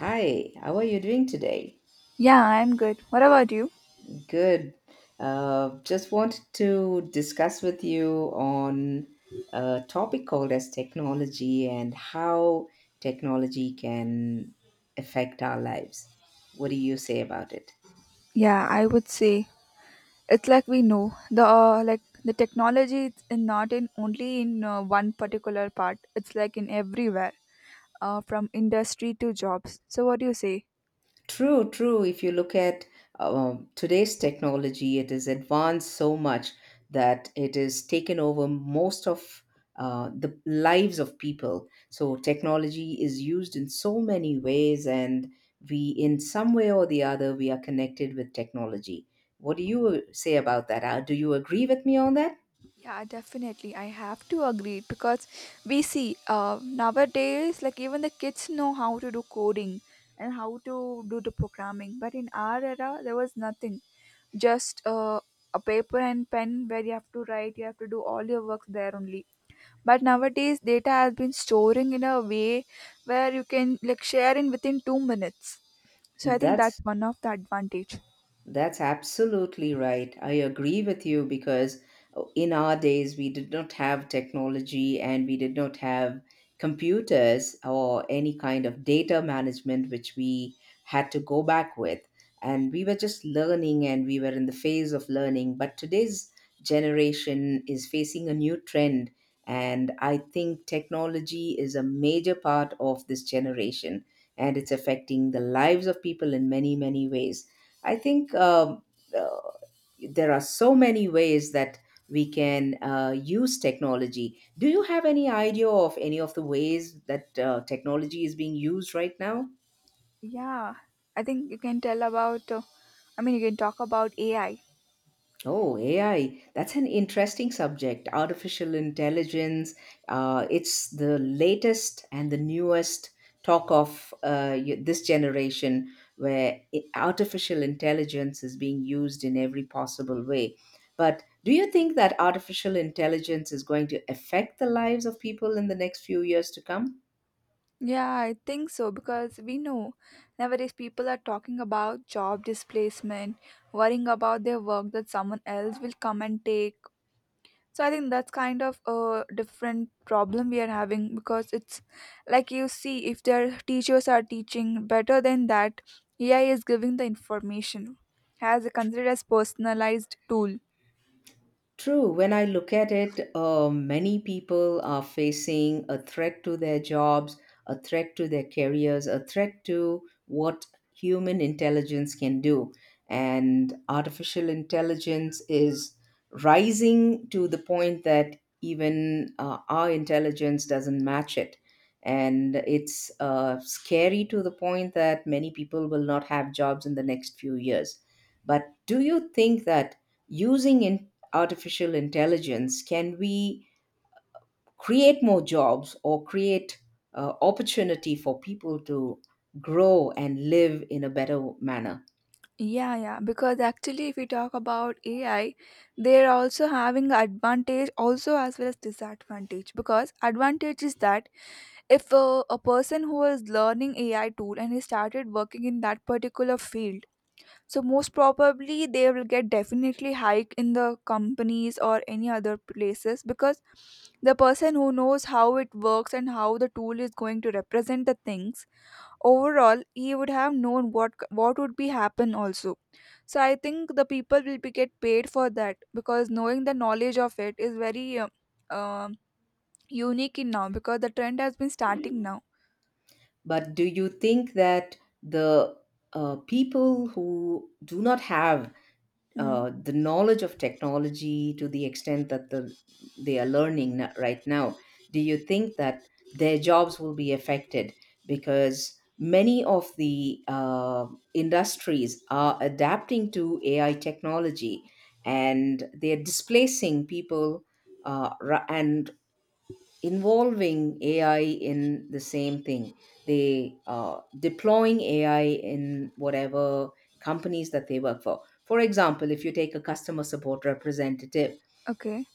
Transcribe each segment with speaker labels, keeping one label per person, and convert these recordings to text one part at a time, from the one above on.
Speaker 1: Hi, how are you doing today?
Speaker 2: Yeah, I'm good. What about you?
Speaker 1: Good. Just wanted to discuss with you on a topic called as technology and how technology can affect our lives. What do you say about it?
Speaker 2: Yeah, I would say it's like we know the like the technology is in not in only in one particular part. It's like in everywhere, from industry to jobs. So what do you say?
Speaker 1: True, true. If you look at today's technology, it is advanced so much that it is taken over most of the lives of people. So technology is used in so many ways, and we, in some way or the other, we are connected with technology. What do you say about that? Do you agree with me on that?
Speaker 2: Yeah, definitely. I have to agree because we see nowadays like even the kids know how to do coding and how to do the programming. But in our era, there was nothing. Just a paper and pen where you have to write. You have to do all your work there only but nowadays data has been storing in a way where you can like share in within 2 minutes, so I think that's
Speaker 1: That's
Speaker 2: one of the advantage.
Speaker 1: That's absolutely right. I agree with you because in our days, we did not have technology and we did not have computers or any kind of data management, which we had to go back with. And we were just learning and we were in the phase of learning. But today's generation is facing a new trend. And I think technology is a major part of this generation and it's affecting the lives of people in many, many ways. I think uh, there are so many ways that we can use technology. Do you have any idea of any of the ways that technology is being used right now?
Speaker 2: Yeah, I think you can tell about you can talk about AI.
Speaker 1: Oh, AI. That's an interesting subject. Artificial intelligence. It's the latest and the newest talk of this generation where artificial intelligence is being used in every possible way. But do you think that artificial intelligence is going to affect the lives of people in the next few years to come?
Speaker 2: Yeah, I think so because we know nowadays people are talking about job displacement, worrying about their work that someone else will come and take. So I think that's kind of a different problem we are having because it's like you see, if their teachers are teaching better than that, AI is giving the information considered as personalized tool.
Speaker 1: True, when I look at it, many people are facing a threat to their jobs, a threat to their careers, a threat to what human intelligence can do. And artificial intelligence is rising to the point that even our intelligence doesn't match it. And it's scary to the point that many people will not have jobs in the next few years. But do you think that using in artificial intelligence, can we create more jobs or create opportunity for people to grow and live in a better manner?
Speaker 2: Yeah, yeah. Because actually, if we talk about AI, they're also having advantage also as well as disadvantage. Because advantage is that if a person who is learning AI tool and he started working in that particular field, so most probably they will get definitely hike in the companies or any other places because the person who knows how it works and how the tool is going to represent the things overall, he would have known what would be happen also. So I think the people will be get paid for that because knowing the knowledge of it is very um unique in now because the trend has been starting now.
Speaker 1: But do you think that the people who do not have
Speaker 2: Mm,
Speaker 1: the knowledge of technology to the extent that they are learning right now, do you think that their jobs will be affected? Because many of the industries are adapting to AI technology and they're displacing people and involving AI in the same thing. They are deploying AI in whatever companies that they work for. For example, if you take a customer support representative,
Speaker 2: okay.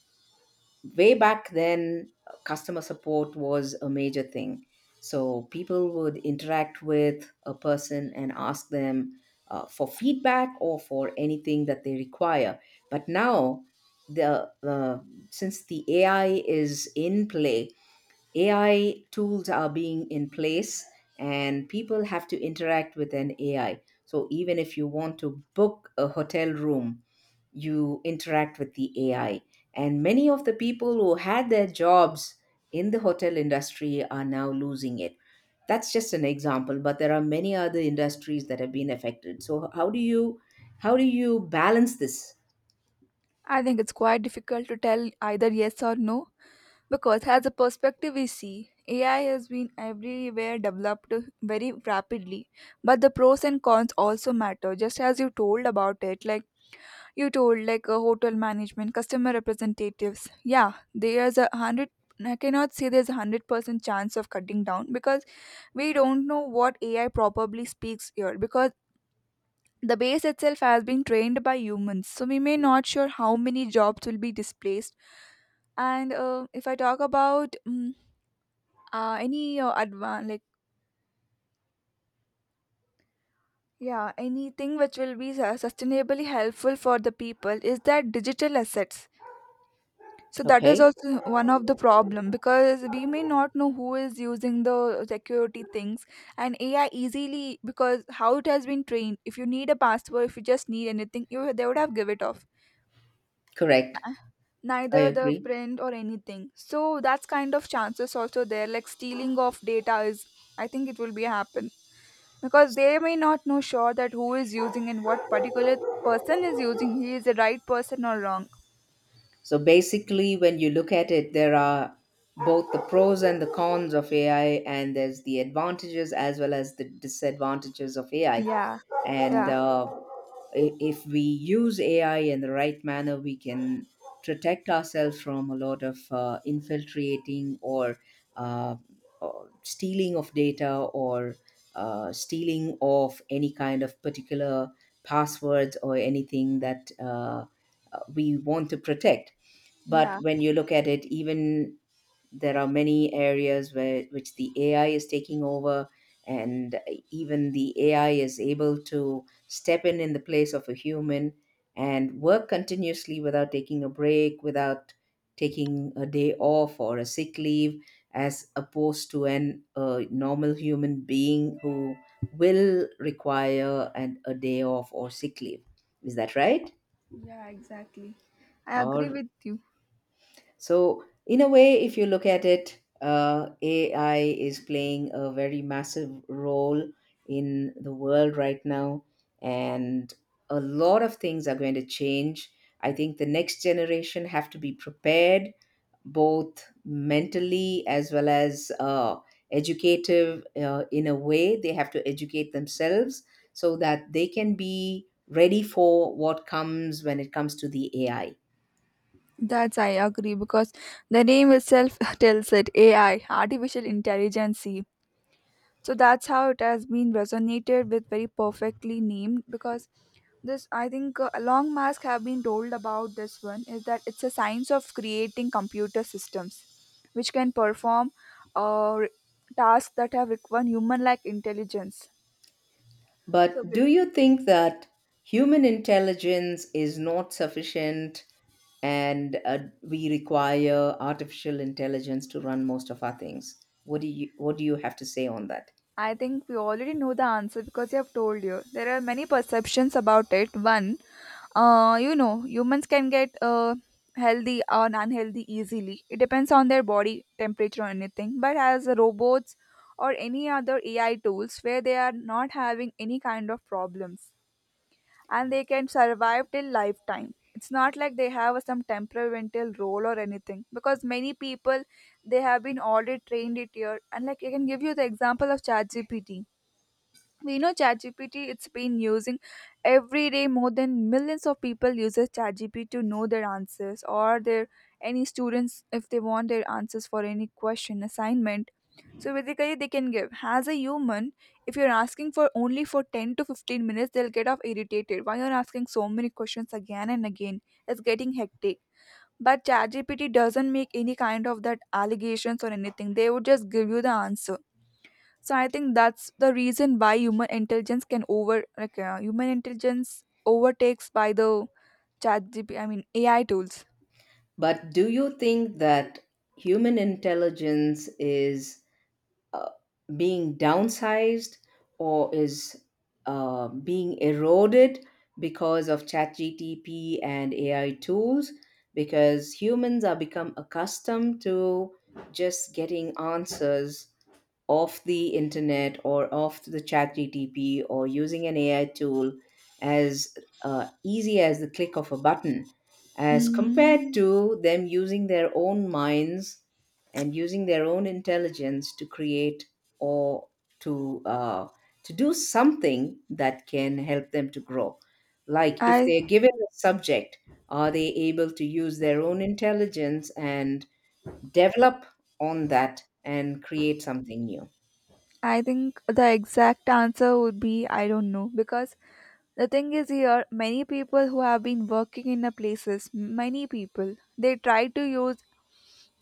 Speaker 1: way back then, customer support was a major thing. So people would interact with a person and ask them for feedback or for anything that they require. But now, the since the AI is in play, AI tools are being in place and people have to interact with an AI. So even if you want to book a hotel room, you interact with the AI. And many of the people who had their jobs in the hotel industry are now losing it. That's just an example, but there are many other industries that have been affected. So how do you balance this?
Speaker 2: I think it's quite difficult to tell either yes or no, because as a perspective we see, AI has been everywhere developed very rapidly. But the pros and cons also matter, just as you told about it. Like you told, like a hotel management, customer representatives. Yeah, there's a hundred. I cannot say there's 100% chance of cutting down because we don't know what AI probably speaks here because the base itself has been trained by humans. So we may not sure how many jobs will be displaced, and if I talk about any advan like yeah, anything which will be sustainably helpful for the people is that digital assets, so that is
Speaker 1: Okay?
Speaker 2: also one of the problem because we may not know who is using the security things and AI easily because how it has been trained. If you need a password, if you just need anything, you they would have give it off,
Speaker 1: Correct.
Speaker 2: N-
Speaker 1: I
Speaker 2: neither the
Speaker 1: agree.
Speaker 2: print or anything. So that's kind of chances also there, like stealing of data is, I think it will be happen because they may not know sure that who is using and what particular person is using, he is the right person or wrong.
Speaker 1: So basically, when you look at it, there are both the pros and the cons of AI, and there's the advantages as well as the disadvantages of AI.
Speaker 2: Yeah,
Speaker 1: And
Speaker 2: yeah,
Speaker 1: if we use AI in the right manner, we can protect ourselves from a lot of infiltrating, uh, or stealing of data or stealing of any kind of particular passwords or anything that we want to protect.
Speaker 2: yeah.
Speaker 1: But when you look at it, even there are many areas where which the AI is taking over, and even the AI is able to step in the place of a human and work continuously without taking a break, without taking a day off or a sick leave, as opposed to an a normal human being who will require an, a day off or sick leave. Is that right?
Speaker 2: Yeah, exactly, I agree
Speaker 1: All.
Speaker 2: with you.
Speaker 1: So, in a way, if you look at it, AI is playing a very massive role in the world right now, and a lot of things are going to change. I think the next generation have to be prepared both mentally as well as educative in a way. They have to educate themselves so that they can be ready for what comes when it comes to the AI.
Speaker 2: That's, I agree because the name itself tells it, AI, artificial intelligence. So that's how it has been resonated with very perfectly named because this, I think long mask have been told about this one is that it's a science of creating computer systems which can perform uh, tasks that have required human like intelligence. So
Speaker 1: But do you think that human intelligence is not sufficient and we require artificial intelligence to run most of our things? What do you have to say on that?
Speaker 2: I think we already know the answer because you have told you. There are many perceptions about it. One, you know, humans can get healthy or unhealthy easily. It depends on their body temperature or anything. But as robots or any other AI tools, where they are not having any kind of problems and they can survive till lifetime. It's not like they have some temperamental role or anything because many people, they have been already trained it here. And like I can give you the example of ChatGPT. We know ChatGPT, it's been using every day. More than millions of people uses ChatGPT to know their answers or their, any students if they want their answers for any question assignment. So basically, they can give. As a human, if you're asking for only for 10 to 15 minutes, they'll get off irritated. Why you're asking so many questions again and again? It's getting hectic. But ChatGPT doesn't make any kind of that allegations or anything. They would just give you the answer, so I think that's the reason why human intelligence can over, like human intelligence overtakes by the chat GP, I mean AI tools.
Speaker 1: But do you think that human intelligence is uh, being downsized or is being eroded because of ChatGTP and AI tools, because humans are become accustomed to just getting answers off the internet or off the chat gtp or using an AI tool as easy as the click of a button, as compared
Speaker 2: Mm,
Speaker 1: to them using their own minds and using their own intelligence to create or to uh, to do something that can help them to grow, like if
Speaker 2: I
Speaker 1: they're given a subject, are they able to use their own intelligence and develop on that and create something new?
Speaker 2: I think the exact answer would be I don't know because the thing is here many people who have been working in the places, many people they try to use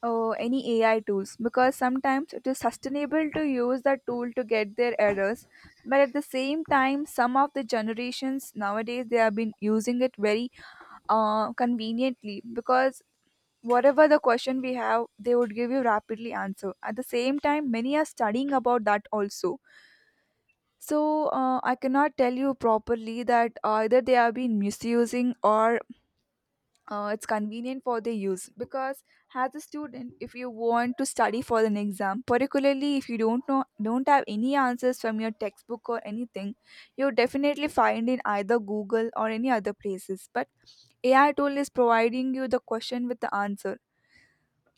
Speaker 2: or any AI tools because sometimes it is sustainable to use that tool to get their errors. But at the same time, some of the generations nowadays they have been using it very conveniently because whatever the question we have, they would give you rapidly answer. At the same time, many are studying about that also. So I cannot tell you properly that either they have been misusing or it's convenient for the use because as a student if you want to study for an exam particularly if you don't know don't have any answers from your textbook or anything, you definitely find in either google or any other places, but AI tool is providing you the question with the answer.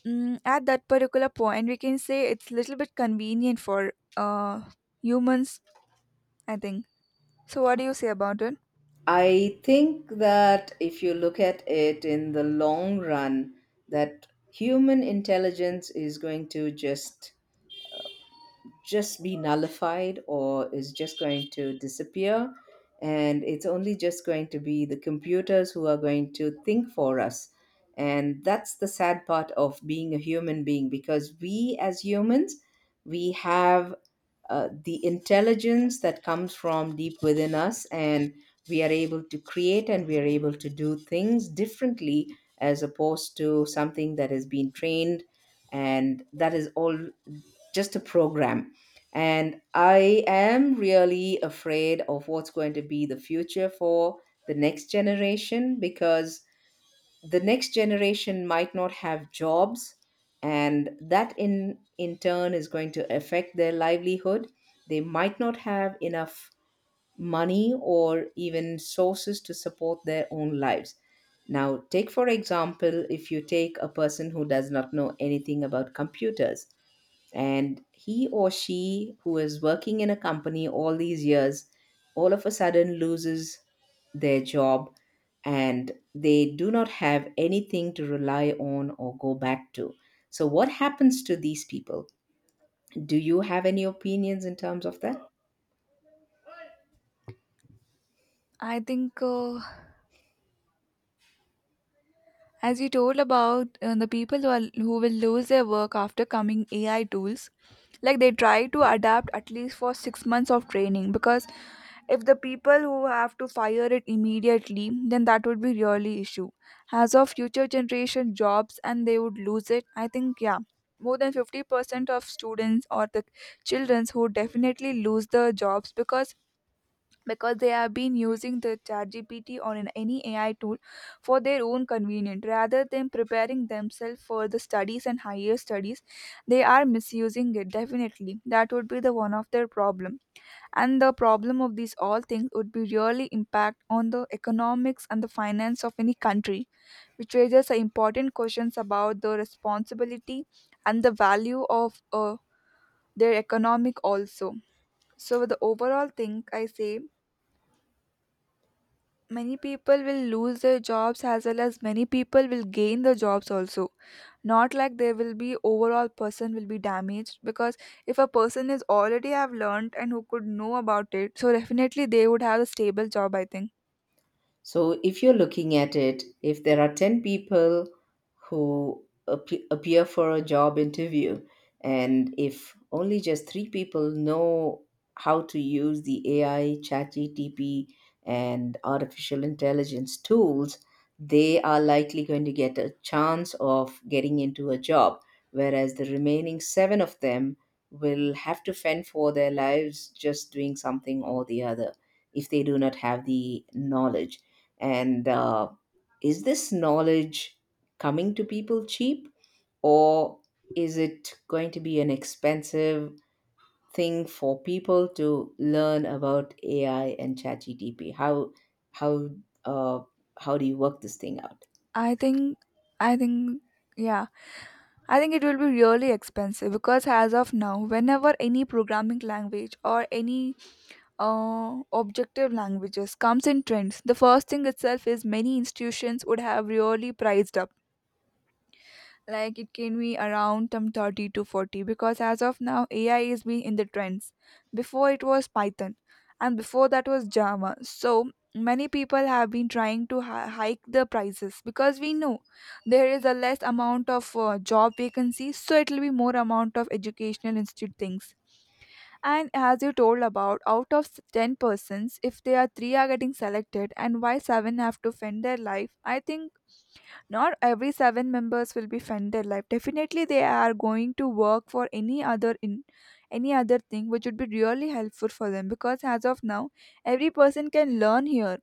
Speaker 2: Mm, at that particular point we can say it's little bit convenient for humans, I think. So what do you say about it?
Speaker 1: I think that if you look at it in the long run, that human intelligence is going to just be nullified or is just going to disappear, and it's only just going to be the computers who are going to think for us. And that's the sad part of being a human being, because we as humans, we have the intelligence that comes from deep within us, and we are able to create and we are able to do things differently as opposed to something that has been trained and that is all just a program. And I am really afraid of what's going to be the future for the next generation, because the next generation might not have jobs, and that in turn is going to affect their livelihood. They might not have enough money or even sources to support their own lives. Now take for example, if you take a person who does not know anything about computers and he or she who is working in a company all these years, all of a sudden loses their job, and they do not have anything to rely on or go back to. So what happens to these people? Do you have any opinions in terms of that?
Speaker 2: I think as you told about the people who, are, who will lose their work after coming AI tools, like they try to adapt at least for 6 months of training because if the people who have to fire it immediately, then that would be really issue. As of future generation jobs and they would lose it, I think yeah, more than 50% of students or the children who definitely lose the jobs because they have been using the ChatGPT or in any AI tool for their own convenience rather than preparing themselves for the studies and higher studies. They are misusing it definitely. That would be the one of their problem. And the problem of these all things would be really impact on the economics and the finance of any country, which raises a important questions about the responsibility and the value of their economic also. So the overall thing I say, many people will lose their jobs as well as many people will gain the jobs also. Not like there will be overall person will be damaged because if a person is already have learned and who could know about it, so definitely they would have a stable job, I think.
Speaker 1: So, if you're looking at it, if there are 10 people who appear for a job interview, and if only just three people know how to use the AI, ChatGTP, and artificial intelligence tools, they are likely going to get a chance of getting into a job, whereas the remaining seven of them will have to fend for their lives just doing something or the other if they do not have the knowledge. And is this knowledge coming to people cheap, or is it going to be an expensive thing for people to learn about AI and ChatGTP? How uh, how do you work this thing out?
Speaker 2: I think. I think. Yeah. I think it will be really expensive because as of now, whenever any programming language or any objective languages comes in trends. The first thing itself is many institutions would have really priced up. Like it can be around some 30 to 40 because as of now AI is being in the trends. Before it was Python, and before that was Java. So many people have been trying to hike the prices because we know there is a less amount of job vacancies, so it will be more amount of educational institute things. And as you told about, out of 10 persons, if they are 3 are getting selected and why 7 have to fend their life, I think not every 7 members will be fend their life. Definitely they are going to work for any other in any other thing which would be really helpful for them because as of now, every person can learn here.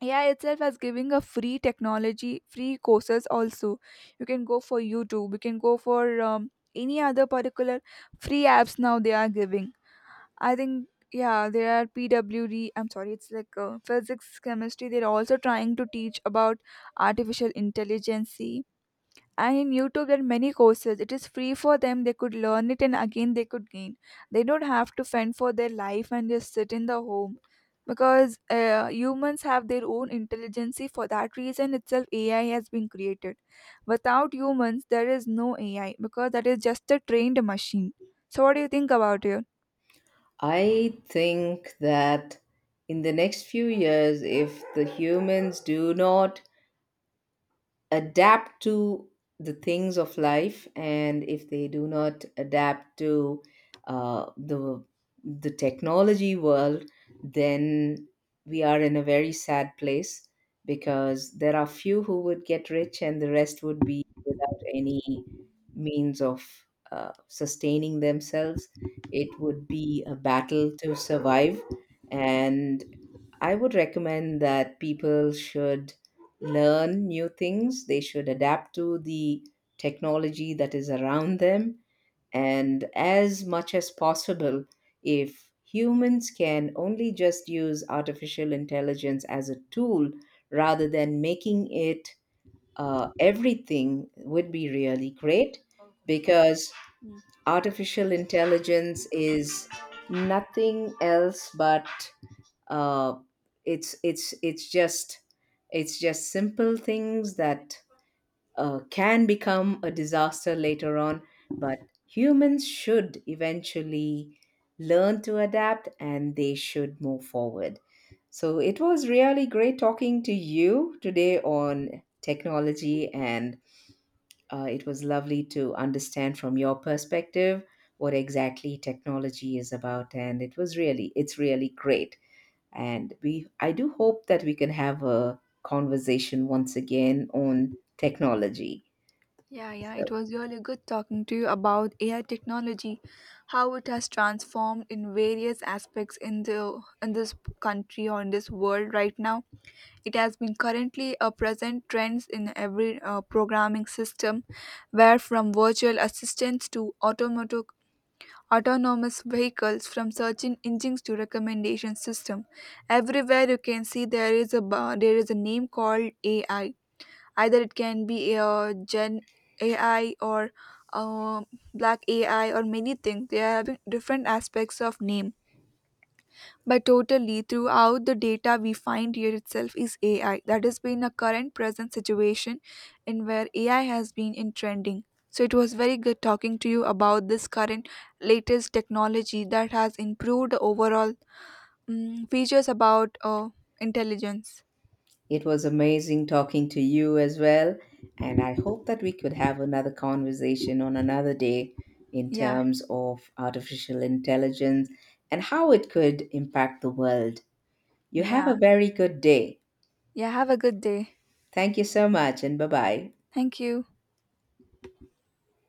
Speaker 2: Yeah, itself is giving a free technology, free courses also. You can go for YouTube, you can go for any other particular free apps now they are giving, I think. Yeah, there are PWD. I'm sorry, it's like physics, chemistry. They're also trying to teach about artificial intelligence. And in YouTube, there are many courses. It is free for them. They could learn it, and again, they could gain. They don't have to fend for their life and just sit in the home, because humans have their own intelligence. For that reason itself, AI has been created. Without humans, there is no AI because that is just a trained machine. So, what do you think about it?
Speaker 1: I think that in the next few years, if the humans do not adapt to the things of life and if they do not adapt to uh, the the technology world, then we are in a very sad place, because there are few who would get rich and the rest would be without any means of sustaining themselves. It would be a battle to survive. And I would recommend that people should learn new things, they should adapt to the technology that is around them, and as much as possible, if humans can only just use artificial intelligence as a tool rather than making it everything, would be really great. Because artificial intelligence is nothing else but uh, it's just it's just simple things that can become a disaster later on. But humans should eventually learn to adapt and they should move forward. So it was really great talking to you today on technology, and it was lovely to understand from your perspective what exactly technology is about, and it was really it's really great, and we, I do hope that we can have a conversation once again on technology.
Speaker 2: Yeah, yeah, it
Speaker 1: So
Speaker 2: was really good talking to you about AI technology, how it has transformed in various aspects in the in this country or in this world right now. It has been currently a present trends in every programming system, where from virtual assistants to automatic autonomous vehicles, from searching engines to recommendation system, everywhere you can see there is a there is a name called AI, either it can be gen AI or um black AI or many things, they are having different aspects of name, but totally throughout the data we find here itself is AI that has been a current present situation in where AI has been in trending. So it was very good talking to you about this current latest technology that has improved the overall mm features about intelligence.
Speaker 1: it was amazing talking to you as well. And I hope that we could have another conversation on another day in
Speaker 2: Yeah.
Speaker 1: terms of artificial intelligence and how it could impact the world. You have
Speaker 2: Yeah,
Speaker 1: a very good day.
Speaker 2: yeah, have a good day.
Speaker 1: Thank you so much, and bye bye.
Speaker 2: Thank you.